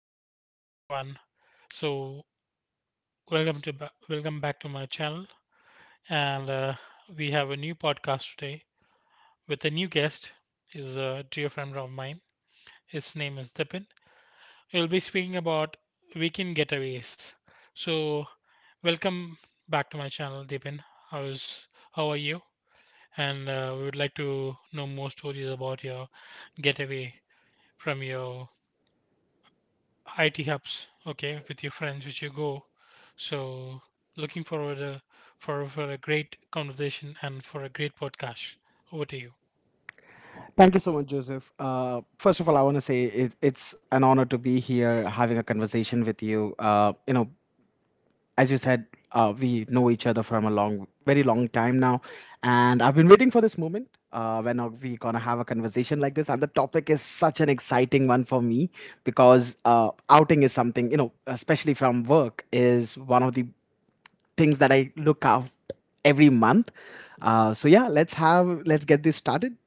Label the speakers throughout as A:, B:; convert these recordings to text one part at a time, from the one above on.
A: evening, everyone. So, welcome to welcome back to my channel, and we have a new podcast today with a new guest. Is a dear friend of mine. His name is Dipin. We'll be speaking about weekend getaways. So, welcome back to my channel, Dipin. How are you? And we would like to know more stories about your getaway from your IT hubs, okay, with your friends, which you go. So, looking forward, for a great conversation and for a great podcast. Over to you.
B: Thank you so much, Joseph. First of all, I want to say it's an honor to be here having a conversation with you. As you said, we know each other from a long, very long time now, and I've been waiting for this moment when are we gonna have a conversation like this. And the topic is such an exciting one for me because outing is something, you know, especially from work, is one of the things that I look out every month. So yeah, let's get this started.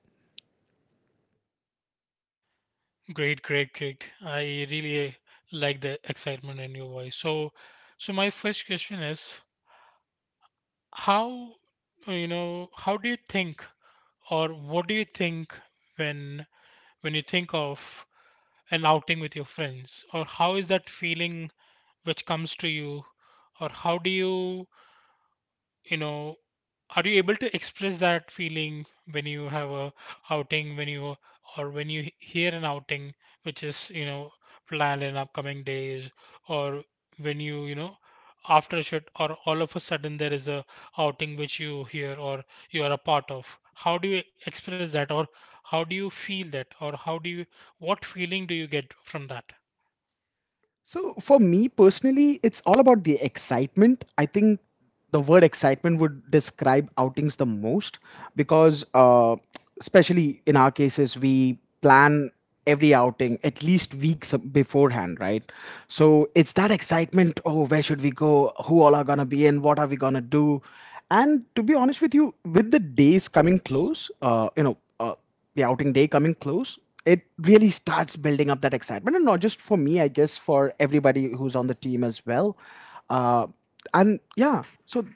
A: Great, great, great. I really like the excitement in your voice. So, so my first question is, how, you know, how do you think, or what do you think when you think of an outing with your friends? Or how is that feeling which comes to you? Or how do you, you know are you able to express that feeling when you have a outing, when you, or when you hear an outing which is, planned in upcoming days, or when you know after a shoot, or all of a sudden there is a outing which you hear or you are a part of, how do you express that? Or how do you feel that? Or how do you, what feeling do you get from that?
B: So for me personally, it's all about the excitement. I think the word excitement would describe outings the most because, especially in our cases, we plan every outing at least weeks beforehand, right? So it's that excitement. Oh, where should we go? Who all are gonna be in? What are we gonna do? And to be honest with you, with the days coming close, the outing day coming close, it really starts building up that excitement, and not just for me, I guess for everybody who's on the team as well. Uh, and yeah, so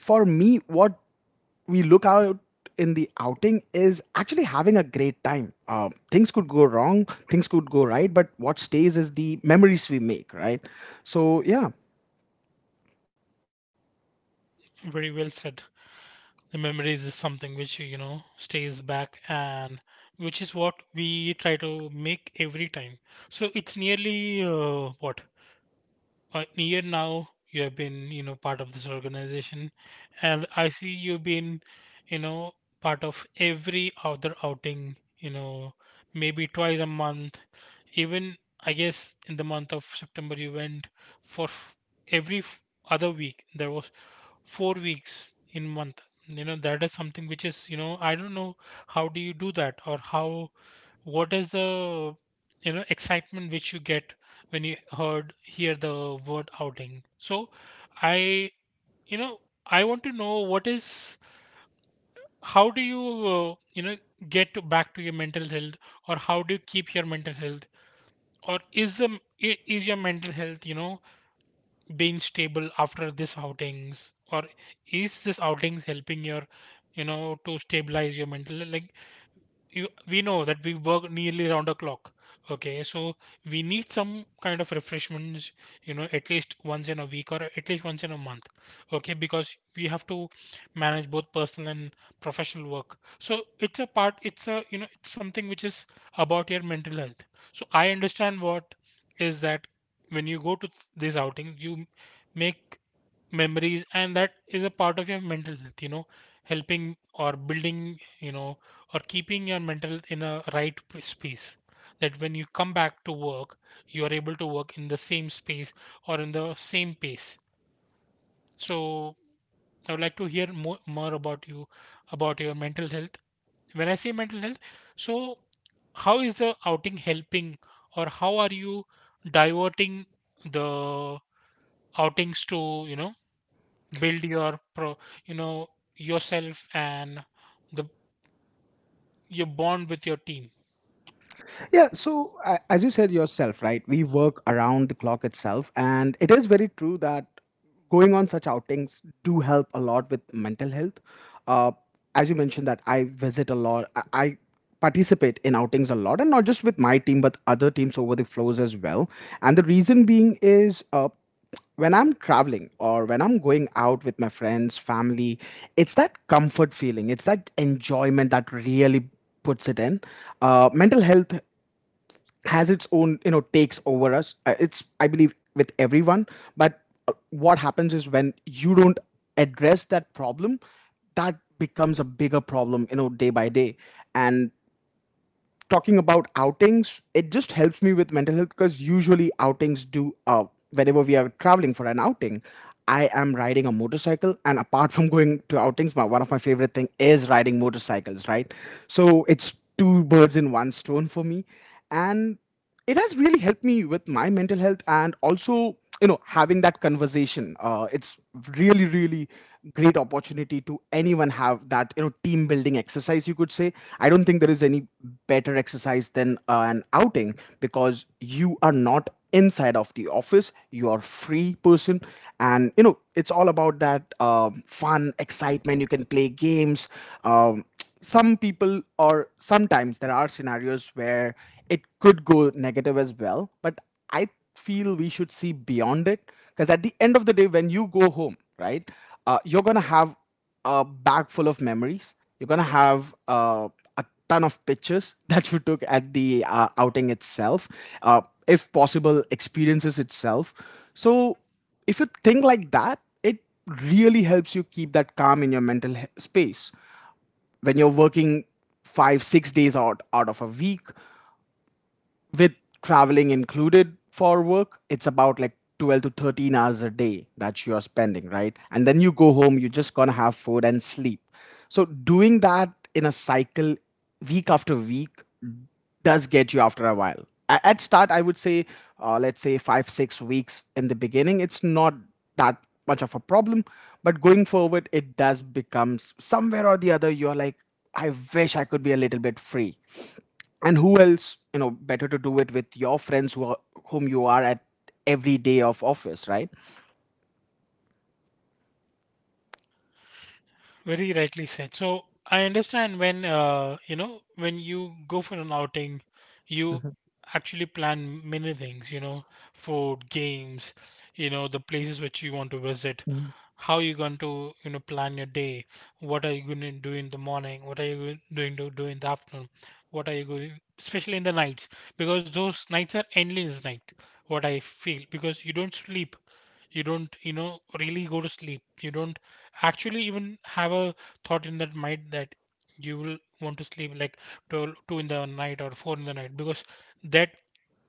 B: for me, what we look out in the outing is actually having a great time. Things could go wrong, things could go right, but what stays is the memories we make, right? So yeah.
A: Very well said. The memories is something which, stays back, and which is what we try to make every time. So it's nearly, what, a year now you have been, part of this organization, and I see you've been, you know, part of every other outing, maybe twice a month. Even I guess in the month of September you went for every f- other week. There was 4 weeks in month, that is something which is, I don't know how do you do that, or how, what is the, excitement which you get when you hear the word outing. So I, you know I want to know what is, how do you, you know get back to your mental health, or how do you keep your mental health, or is the, is your mental health, being stable after this outings, or is this outings helping your, to stabilize your mental, like you, we know that we work nearly around the clock. Okay, so we need some kind of refreshments, at least once in a week or at least once in a month. Okay, because we have to manage both personal and professional work. So it's a part, it's a, it's something which is about your mental health. So I understand what is that when you go to these outings, you make memories, and that is a part of your mental health, helping or building, or keeping your mental health in a right space, that when you come back to work you are able to work in the same space or in the same pace. So I would like to hear more about you, about your mental health. When I say mental health, so how is the outing helping, or how are you diverting the outings to, build your pro you know yourself, and the, your bond with your team.
B: Yeah, so as you said yourself, right, we work around the clock itself, and it is very true that going on such outings do help a lot with mental health. Uh, as you mentioned, that I visit a lot, I participate in outings a lot, and not just with my team, but other teams over the flows as well. And the reason being is when I'm traveling or when I'm going out with my friends, family, it's that comfort feeling, it's that enjoyment that really puts it in. Mental health has its own, you know, takes over us. It's I believe with everyone, but what happens is when you don't address that problem, that becomes a bigger problem, you know, day by day. And talking about outings, it just helps me with mental health because usually outings do. Whenever we are traveling for an outing, I am riding a motorcycle, and apart from going to outings, my one of my favorite thing is riding motorcycles, right? So it's two birds in one stone for me. And it has really helped me with my mental health, and also, you know, having that conversation, it's really, really great opportunity to anyone have that, you know, team building exercise, you could say. I don't think there is any better exercise than an outing, because you are not inside of the office, you are free person. And you know, it's all about that fun excitement. You can play games. um, some people, or sometimes there are scenarios where it could go negative as well, but I feel we should see beyond it, because at the end of the day when you go home, right, you're gonna have a bag full of memories, you're gonna have a ton of pictures that you took at the outing itself. uh, if possible, experiences itself. So if you think like that, it really helps you keep that calm in your space when you're working 5 6 days out of a week, with traveling included for work it's about like 12 to 13 hours a day that you're spending, right? And then you go home, you're just gonna have food and sleep. So doing that in a cycle, week after week, does get you after a while. At start, I would say, let's say five, 6 weeks in the beginning, it's not that much of a problem. But going forward, it does become somewhere or the other, you're like, I wish I could be a little bit free. And who else, you know, better to do it with your friends who are, whom you are at every day of office, right?
A: Very rightly said. So I understand when, you know, when you go for an outing, you actually plan many things, food, games, the places which you want to visit, how you going to, plan your day, what are you going to do in the morning, what are you going doing to do in the afternoon, what are you going, especially in the nights, because those nights are endless night, what I feel, because you don't sleep, you don't, really go to sleep, you don't actually even have a thought in that mind that you will want to sleep like 12, 2 in the night or 4 in the night, because that,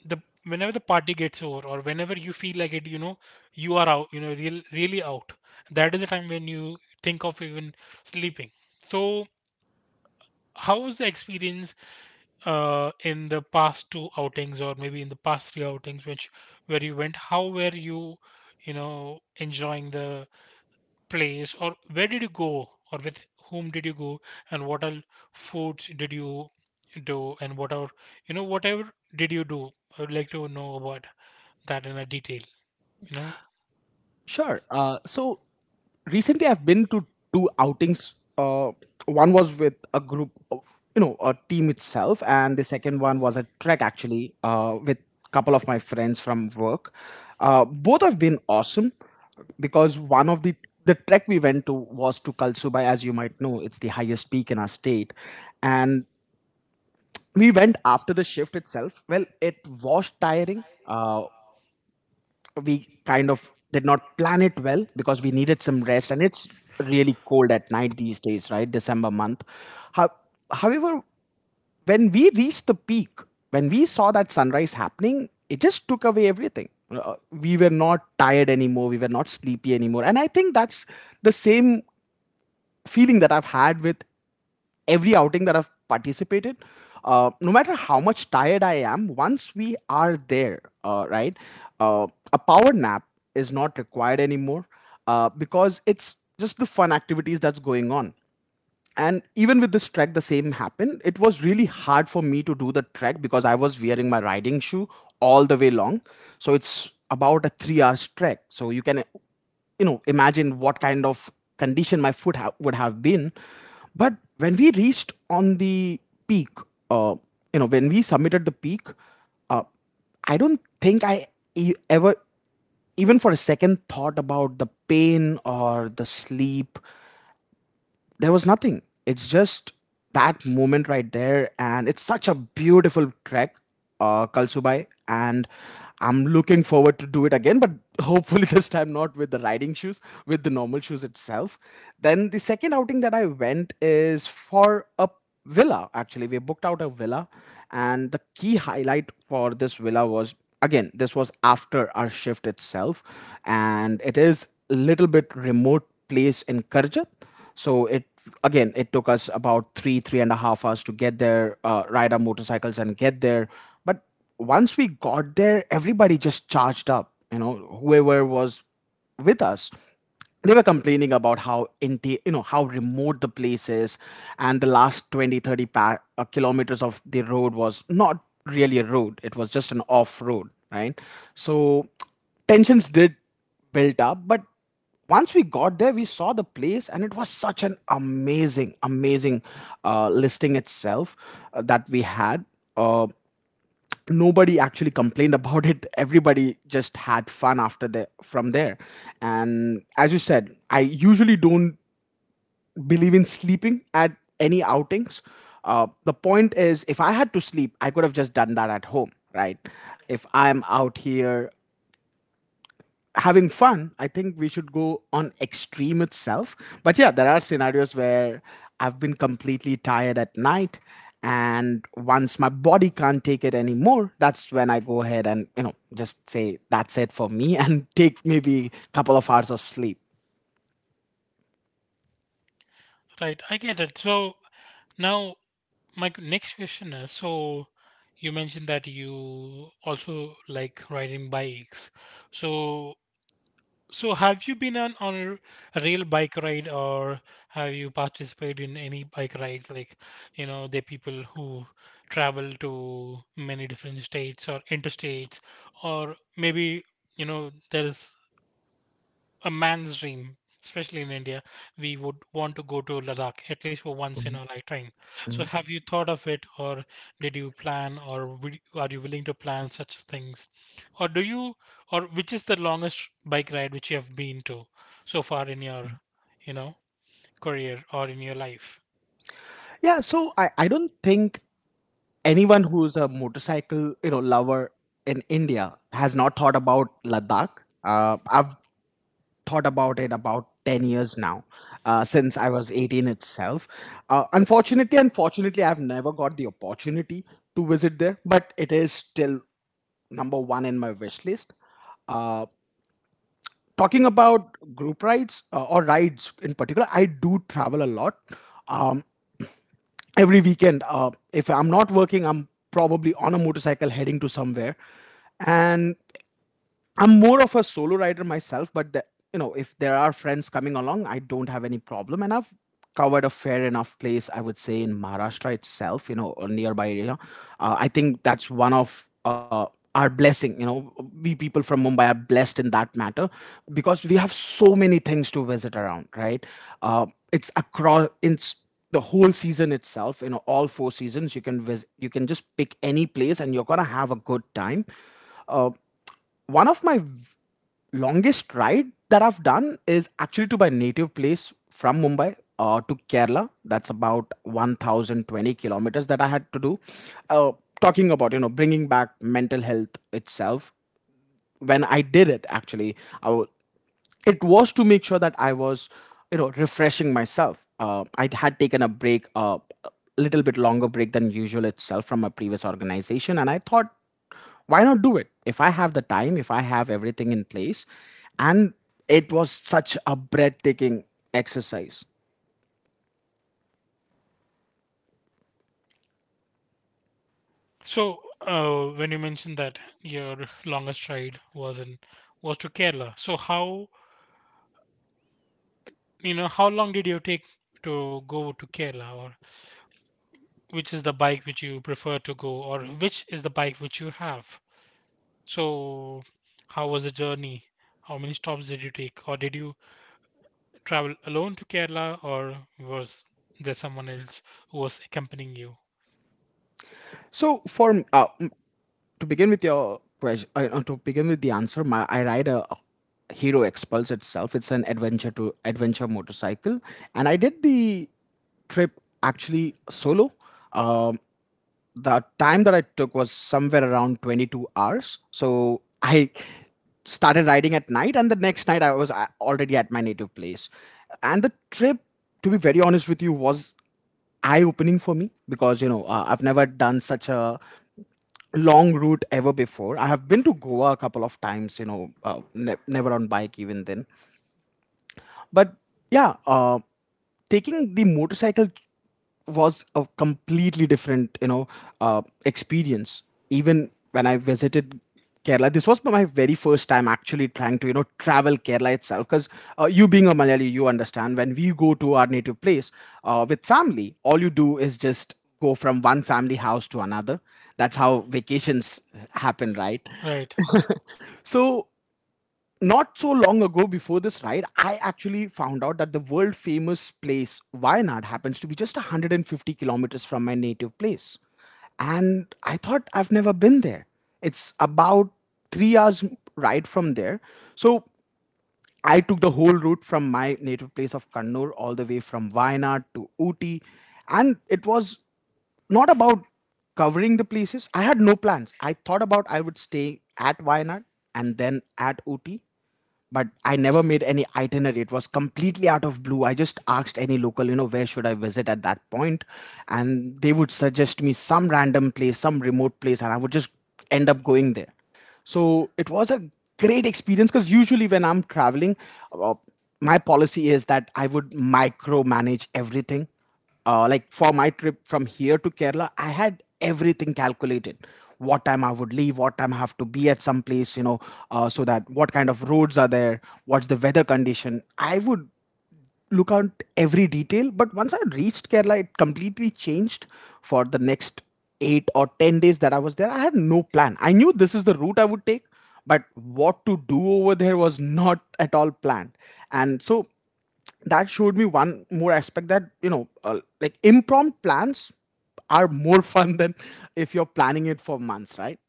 A: the, whenever the party gets over, or whenever you feel like it, you are out, really out. That is the time when you think of even sleeping. So how was the experience, in the past two outings, or maybe in the past three outings which, where you went? How were you, you know enjoying the place, or where did you go, or with whom did you go, and what all foods did you do, and what are, whatever did you do? I would like to know about that in a detail you know
B: Sure. So recently I've been to two outings. One was with a group of, you know, a team itself, and the second one was a trek actually, with a couple of my friends from work. Both have been awesome because one of the trek we went to was to Kalsubai, as you might know, it's the highest peak in our state, and we went after the shift itself. Well, it was tiring. We kind of did not plan it well because we needed some rest, and it's really cold at night these days, right, december month. How, however, when we reached the peak, when we saw that sunrise happening, it just took away everything. Uh, we were not tired anymore, we were not sleepy anymore, and I think that's the same feeling that I've had with every outing that I've participated, no matter how much tired I am, once we are there, right, uh, a power nap is not required anymore, because it's just the fun activities that's going on. And even with this trek, the same happened. It was really hard for me to do the trek because I was wearing my riding shoe all the way long. So it's about a 3 hours trek. So you can, you know, imagine what kind of condition my would have been. But when we reached on the peak, uh, you know, when we submitted the peak, uh, I don't think I ever, even for a second, thought about the pain or the sleep. There was nothing. It's just that moment right there, and it's such a beautiful trek, Kalsubai, and I'm looking forward to do it again, but hopefully this time not with the riding shoes, with the normal shoes itself. Then the second outing that I went is for a villa. Actually we booked out a villa, and the key highlight for this villa was, again, this was after our shift itself, and it is a little bit remote place in karjat. So it, again, it took us about three and a half hours to get there, ride our motorcycles and get there. But once we got there, everybody just charged up, you know, whoever was with us, they were complaining about you know, how remote the place is. And the last 20, 30 kilometers of the road was not really a road, it was just an off road, right? So tensions did build up, but once we got there, we saw the place, and it was such an amazing, amazing listing itself that we had. Uh, Nobody actually complained about it. Everybody just had fun after the from there. And as you said, I usually don't believe in sleeping at any outings. The point is, if I had to sleep, I could have just done that at home, right? If I'm out here having fun, I think we should go on extreme itself. But yeah, there are scenarios where I've been completely tired at night, and once my body can't take it anymore, that's when I go ahead and, you know, just say that's it for me, and take maybe a couple of hours of sleep.
A: right, I get it. So now, my next question is, so you mentioned that you also like riding bikes. So, so have you been on a real bike ride, or have you participated in any bike ride? Like, the people who travel to many different states or interstates, or maybe, there is a man's dream, especially in India. We would want to go to Ladakh at least for once in our lifetime. So, have you thought of it, or did you plan, or will, are you willing to plan such things, or do you, or which is the longest bike ride which you have been to so far in your, you know, career or in your life?
B: Yeah, so I don't think anyone who's a motorcycle, you know, lover in india has not thought about ladakh. I've thought about it about 10 years now, since I was 18 itself. Unfortunately, I've never got the opportunity to visit there, but it is still number one in my wish list. Talking about group rides, or rides in particular, I do travel a lot. um, every weekend, if I'm not working, I'm probably on a motorcycle heading to somewhere. And I'm more of a solo rider myself, but the, you know, if there are friends coming along, I don't have any problem, and I've covered a fair enough place, I would say, in Maharashtra itself, you know, or nearby area. I think that's one of our blessing. You know, we people from Mumbai are blessed in that matter because we have so many things to visit around, right? It's the whole season itself, you know, all four seasons you can visit, you can just pick any place and you're gonna have a good time. uh, One of my longest ride that I've done is actually to my native place from Mumbai to Kerala. That's about 1,020 kilometers that I had to do. Uh, talking about, you know, bringing back mental health itself. When I did it, actually, I wa- it was to make sure that I was, you know, refreshing myself. I had taken a break, a little bit longer break than usual itself from my previous organization, and I thought, why not do it? If I have the time, if I have everything in place. And it was such a breathtaking exercise.
A: So, when you mentioned that your longest ride was in was to Kerala, so how, how long did you take to go to Kerala, or which is the bike which you prefer to go, or which is the bike which you have? So, how was the journey? How many stops did you take, or did you travel alone to Kerala, or was there someone else who was accompanying you?
B: So for to begin with the answer, I ride a Hero Expulse itself. It's an adventure motorcycle, and I did the trip actually solo. Um, the time that I took was somewhere around 22 hours. So I started riding at night, and the next night I was already at my native place. And the trip, to be very honest with you, was eye opening for me because, I've never done such a long route ever before. I have been to Goa a couple of times, never on bike even then. But yeah, taking the motorcycle was a completely different, experience. Even when I visited Kerala, this was my very first time actually trying to, travel Kerala itself. Because you being a Malayali, you understand when we go to our native place with family, all you do is just go from one family house to another. That's how vacations happen, right?
A: Right,
B: So not so long ago before this ride, I actually found out that the world famous place Wayanad happens to be just 150 kilometers from my native place. And I thought I've never been there. It's about 3 hours ride from there. So I took the whole route from my native place of Kannur all the way from Wayanad to Ooty. And it was not about covering the places. I had no plans. I thought about I would stay at Wayanad and then at Ooty, but I never made any itinerary. It was completely out of blue. I just asked any local, where should I visit at that point, and they would suggest me some random place, some remote place, and I would just end up going there. So it was a great experience because usually when I'm traveling, uh, my policy is that I would micromanage everything. Like for my trip from here to Kerala, I had everything calculated. What time I would leave, what time I have to be at some place, so that what kind of roads are there, what's the weather condition. I would look out every detail. But once I reached Kerala, it completely changed for the next 8 or 10 days that I was there. I had no plan. I knew this is the route I would take, but what to do over there was not at all planned. And so that showed me one more aspect that like impromptu plans are more fun than if you're planning it for months, right?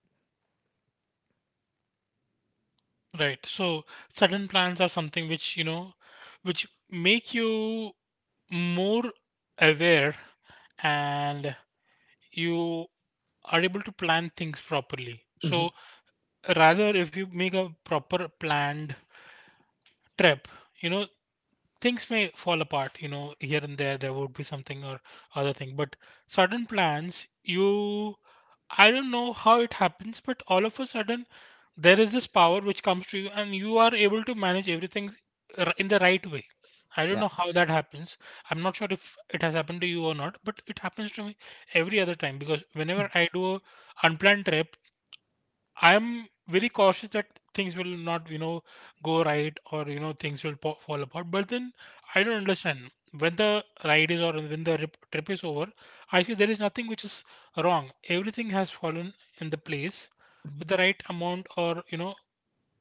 A: right. So sudden plans are something which, which make you more aware, and you are able to plan things properly. So
B: Mhm.
A: rather, if you make a proper planned trip, you know things may fall apart, here and there would be something or other thing. But sudden plans, you, I don't know how it happens, but all of a sudden there is this power which comes to you, and you are able to manage everything in the right way. I don't
B: Yeah,
A: know how that happens. I'm not sure if it has happened to you or not, but it happens to me every other time. Because whenever I do a unplanned trip, I'm very cautious that things will not, go right, or, things will fall apart. But then I don't understand when the ride is, or when the trip is over. I see there is nothing which is wrong. Everything has fallen in the place with the right amount, or,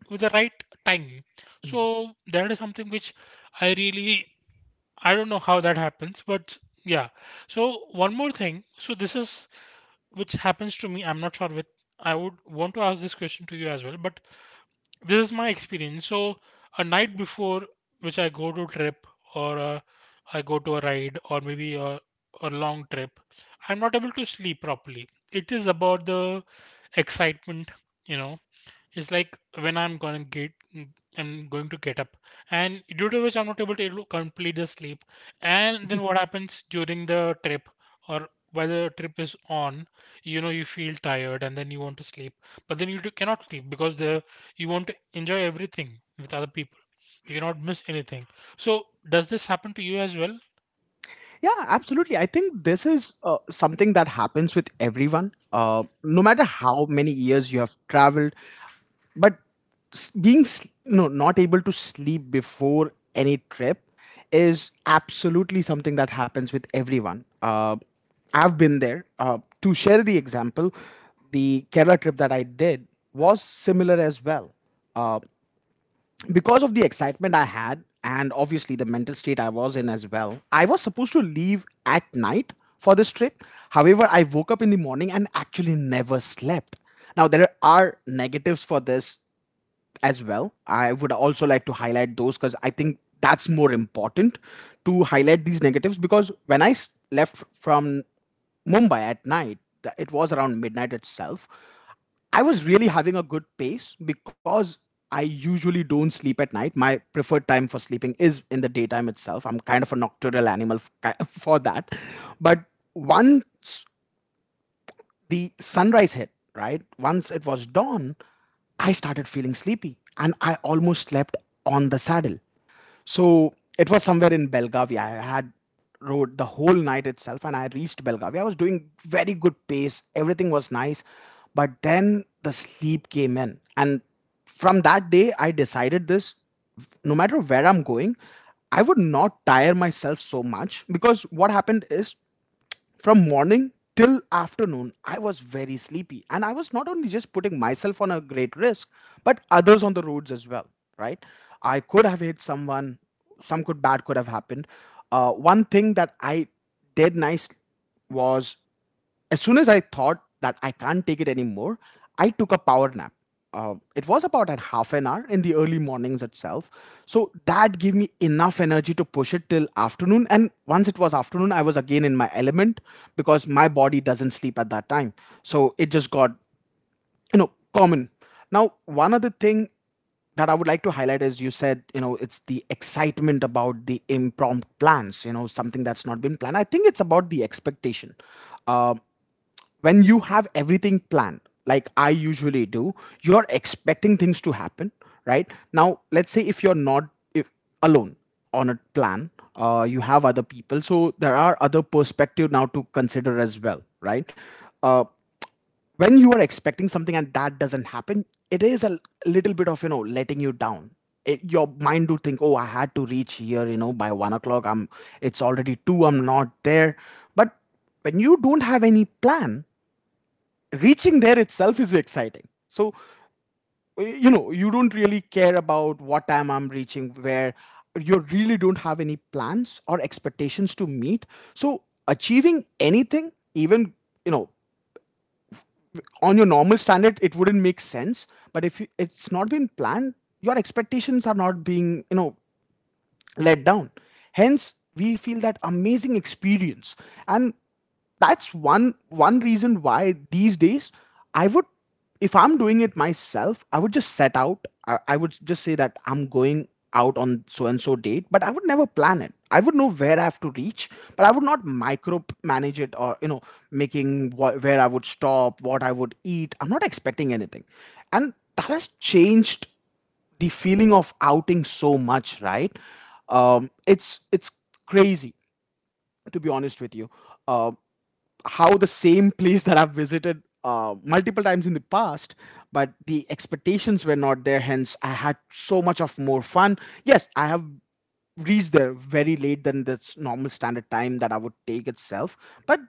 A: with the right time. So that is something which I really, I don't know how that happens, but yeah. So one more thing. So this is which happens to me. I'm not sure with. I would want to ask this question to you as well, but this is my experience. So a night before which I go to trip, or I go to a ride, or maybe a long trip, I'm not able to sleep properly. It is about the excitement, you know. It's like when I'm gonna get, I'm going to get up, and due to which I'm not able to complete the sleep. And then what happens during the trip, or while the trip is on? You know, you feel tired, and then you want to sleep, but then you cannot sleep because the, you want to enjoy everything with other people. You cannot miss anything. So does this happen to you as well?
B: yeah, absolutely, I think this is something that happens with everyone, no matter how many years you have traveled. But no, not able to sleep before any trip is absolutely something that happens with everyone. I've been there. To share the example, the Kerala trip that I did was similar as well because of the excitement I had and obviously the mental state I was in as well. I was supposed to leave at night for this trip, however I woke up in the morning and actually never slept. Now there are negatives for this as well. I would also like to highlight those because I think that's more important to highlight these negatives because when I left from Mumbai at night, it was around midnight itself. I was really having a good pace because I usually don't sleep at night. My preferred time for sleeping is in the daytime itself. I'm kind of a nocturnal animal for that. But once the sunrise hit, right? Once it was dawn, I started feeling sleepy and I almost slept on the saddle. So it was somewhere in Belgavia. I had rode the whole night itself and I reached Belgavia. I was doing very good pace, everything was nice, but then the sleep came in. And from that day, I decided this: no matter where I'm going, I would not tire myself so much, because what happened is from morning till afternoon, I was very sleepy. And I was not only just putting myself on a great risk, but others on the roads as well, right? I could have hit someone, some good bad could have happened. One thing that I did nice was as soon as I thought that I can't take it anymore, I took a power nap. It was about a half an hour in the early mornings itself. So that gave me enough energy to push it till afternoon. And once it was afternoon, I was again in my element because my body doesn't sleep at that time. So it just got common. Now, one other thing that I would like to highlight is you said, it's the excitement about the impromptu plans, something that's not been planned. I think it's about the expectation. Uh, when you have everything planned, like I usually do, you're expecting things to happen, right? Now, let's say if you're not if alone on a plan, you have other people, so there are other perspective now to consider as well, right? Uh, when you are expecting something and that doesn't happen, it is a little bit of letting you down. Your mind do think, oh, I had to reach here, by 1 o'clock. I'm. It's already 2. I'm not there. But when you don't have any plan, reaching there itself is exciting. So you don't really care about what time I'm reaching where. You really don't have any plans or expectations to meet. So achieving anything even you know on your normal standard, it wouldn't make sense. But if you- it's not been planned, your expectations are not being let down. Hence we feel that amazing experience. And that's one reason why these days I would if I'm doing it myself, I would just set out. I would just say that I'm going out on so and so date, but I would never plan it. I would know where I have to reach, but I would not micro manage it, making where I would stop, what I would eat. I'm not expecting anything. And that has changed the feeling of outing so much, right? It's crazy, to be honest with you. Um how the same place that I've visited multiple times in the past, but the expectations were not there. Hence, I had so much of more fun. Yes, I have reached there very late than the normal standard time that I would take itself, but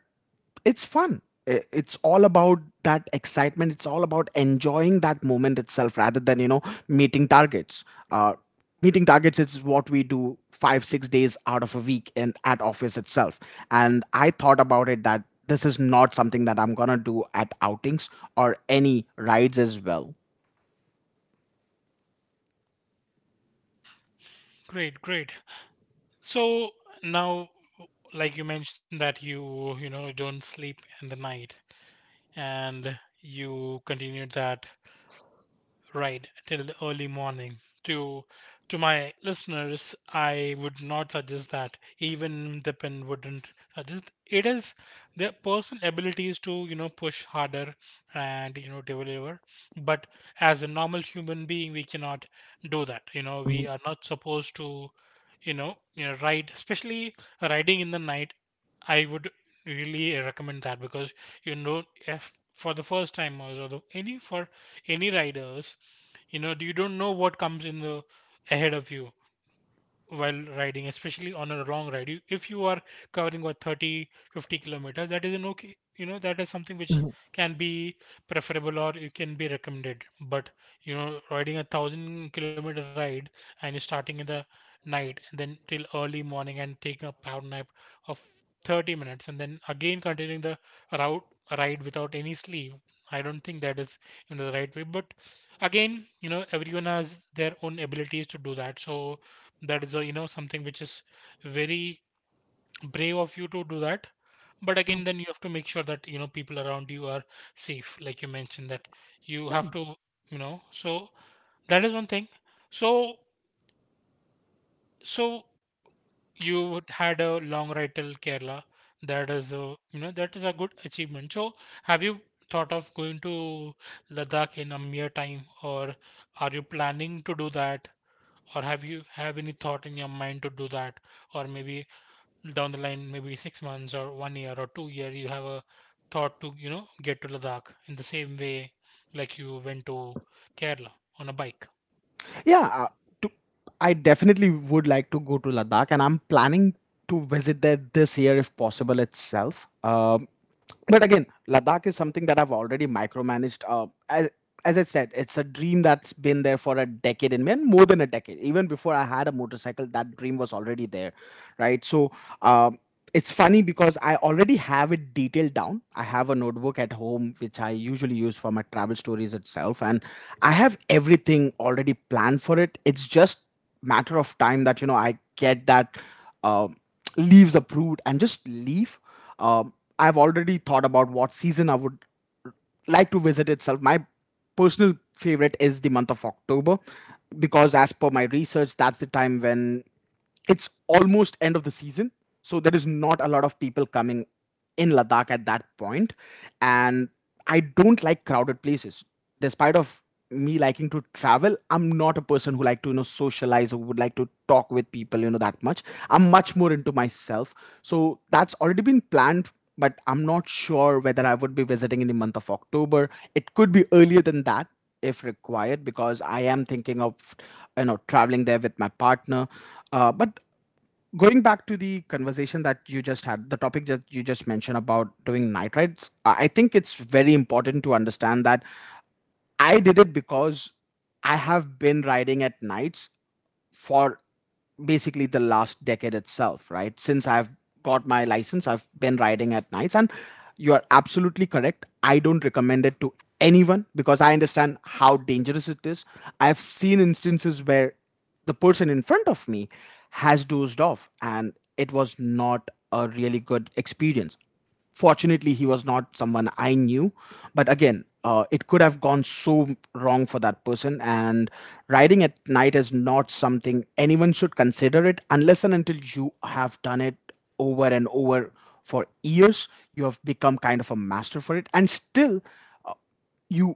B: it's fun. It's all about that excitement. It's all about enjoying that moment itself rather than, meeting targets. Uh, Meeting targets is what we do 5, 6 days out of a week in at office itself. And I thought about it that this is not something that I'm gonna do at outings or any rides as well.
A: Great, great. So now, like you mentioned that you know don't sleep in the night, and you continued that right till the early morning. to to my listeners, I would not suggest that. Even the pen wouldn't suggest It is their personal abilities to, push harder, and, deliver. But as a normal human being, we cannot do that, we are not supposed to, you know ride, especially riding in the night, I would really recommend that. Because, if for the first timers, or the, any for any riders, you don't know what comes in the ahead of you while riding, especially on a long ride. You, if you are covering what, 30, 50 kilometers, that is an okay, that is something which can be preferable or it can be recommended. But, riding a 1,000 kilometer ride, and you're starting in the night and then till early morning, and taking a power nap of 30 minutes, and then again continuing the route ride without any sleep, I don't think that is, the right way. But again, everyone has their own abilities to do that. So that is a, something which is very brave of you to do that. But again, then you have to make sure that, people around you are safe, like you mentioned that you have to, so that is one thing. So, so you would had a long ride till Kerala, that is a, that is a good achievement. So have you thought of going to Ladakh in a mere time? Or are you planning to do that, or have you have any thought in your mind to do that? Or maybe down the line, maybe 6 months or 1 year or 2 year, you have a thought to, get to Ladakh in the same way like you went to Kerala on a bike.
B: Yeah, to, I definitely would like to go to Ladakh, and I'm planning to visit there this year if possible itself. But again, Ladakh is something that I've already micromanaged. As I said, it's a dream that's been there for a decade and man, more than a decade. Even before I had a motorcycle, that dream was already there, right? Um, it's funny because I already have it detailed down. I have a notebook at home which I usually use for my travel stories itself and I have everything already planned for it. It's just matter of time that I get that um leaves approved and just leave. I've already thought about what season I would like to visit itself. My personal favorite is the month of October because as per my research that's the time when it's almost end of the season, so there is not a lot of people coming in Ladakh at that point. And I don't like crowded places. Despite of me liking to travel, I'm not a person who like to socialize or would like to talk with people that much. I'm much more into myself. So that's already been planned, but I'm not sure whether I would be visiting in the month of October. It could be earlier than that if required because I am thinking of traveling there with my partner. But going back to the conversation that you just had, the topic that you just mentioned about doing night rides, I think it's very important to understand that I did it because I have been riding at nights for basically the last decade itself, right? Since I've got my license, I've been riding at nights, and you are absolutely correct. I don't recommend it to anyone because I understand how dangerous it is. I've seen instances where the person in front of me has dozed off, and it was not a really good experience. Fortunately he was not someone I knew, but again it could have gone so wrong for that person. And riding at night is not something anyone should consider it unless and until you have done it over and over for years, you have become kind of a master for it, and still you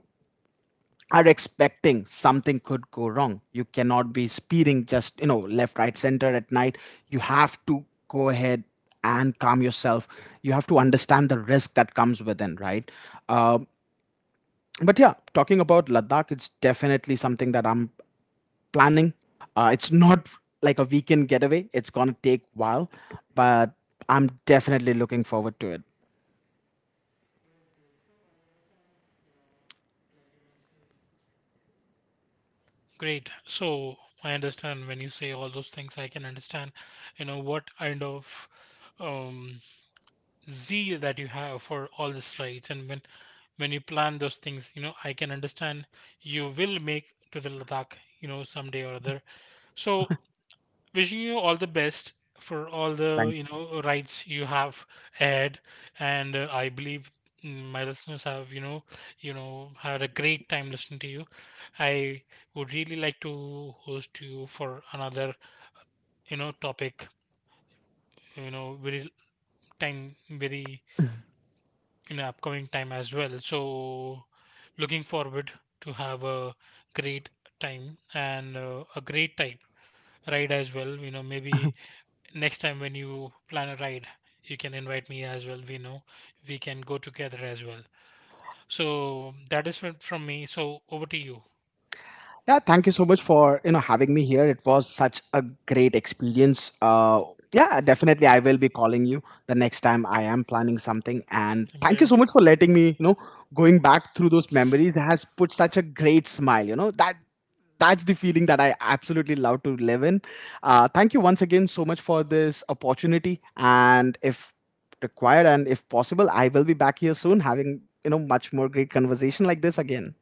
B: are expecting something could go wrong. You cannot be speeding just, left, right, center at night. You have to go ahead and calm yourself. You have to understand the risk that comes within, right? Uh, but yeah, talking about Ladakh, it's definitely something that I'm planning. It's not like a weekend getaway, it's going to take while, but I'm definitely looking forward to it.
A: Great. So I understand when you say all those things, I can understand, what kind of, um, zeal that you have for all these rides. And when you plan those things, I can understand you will make to the Ladakh, someday or other. So wishing you all the best for all the, rights you have ahead. And I believe, my listeners have, had a great time listening to you. I would really like to host you for another, topic, very time, very in upcoming time as well. So looking forward to have a great time, and a great type ride as well, maybe next time when you plan a ride, you can invite me as well. We know we can go together as well. So that is from me, so over to you.
B: Yeah, thank you so much for having me here. It was such a great experience. Yeah, definitely, I will be calling you the next time I am planning something. And
A: Thank
B: thank you
A: you.
B: so much for letting me. Going back through those memories has put such a great smile. You know that that's the feeling that I absolutely love to live in. Thank you once again so much for this opportunity. And if required and if possible, I will be back here soon, having much more great conversation like this again.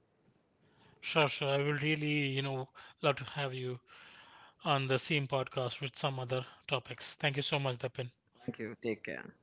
A: Sure, sure, I will really, love to have you on the same podcast with some other topics. Thank you so much, Dapin.
B: Thank you. Take care.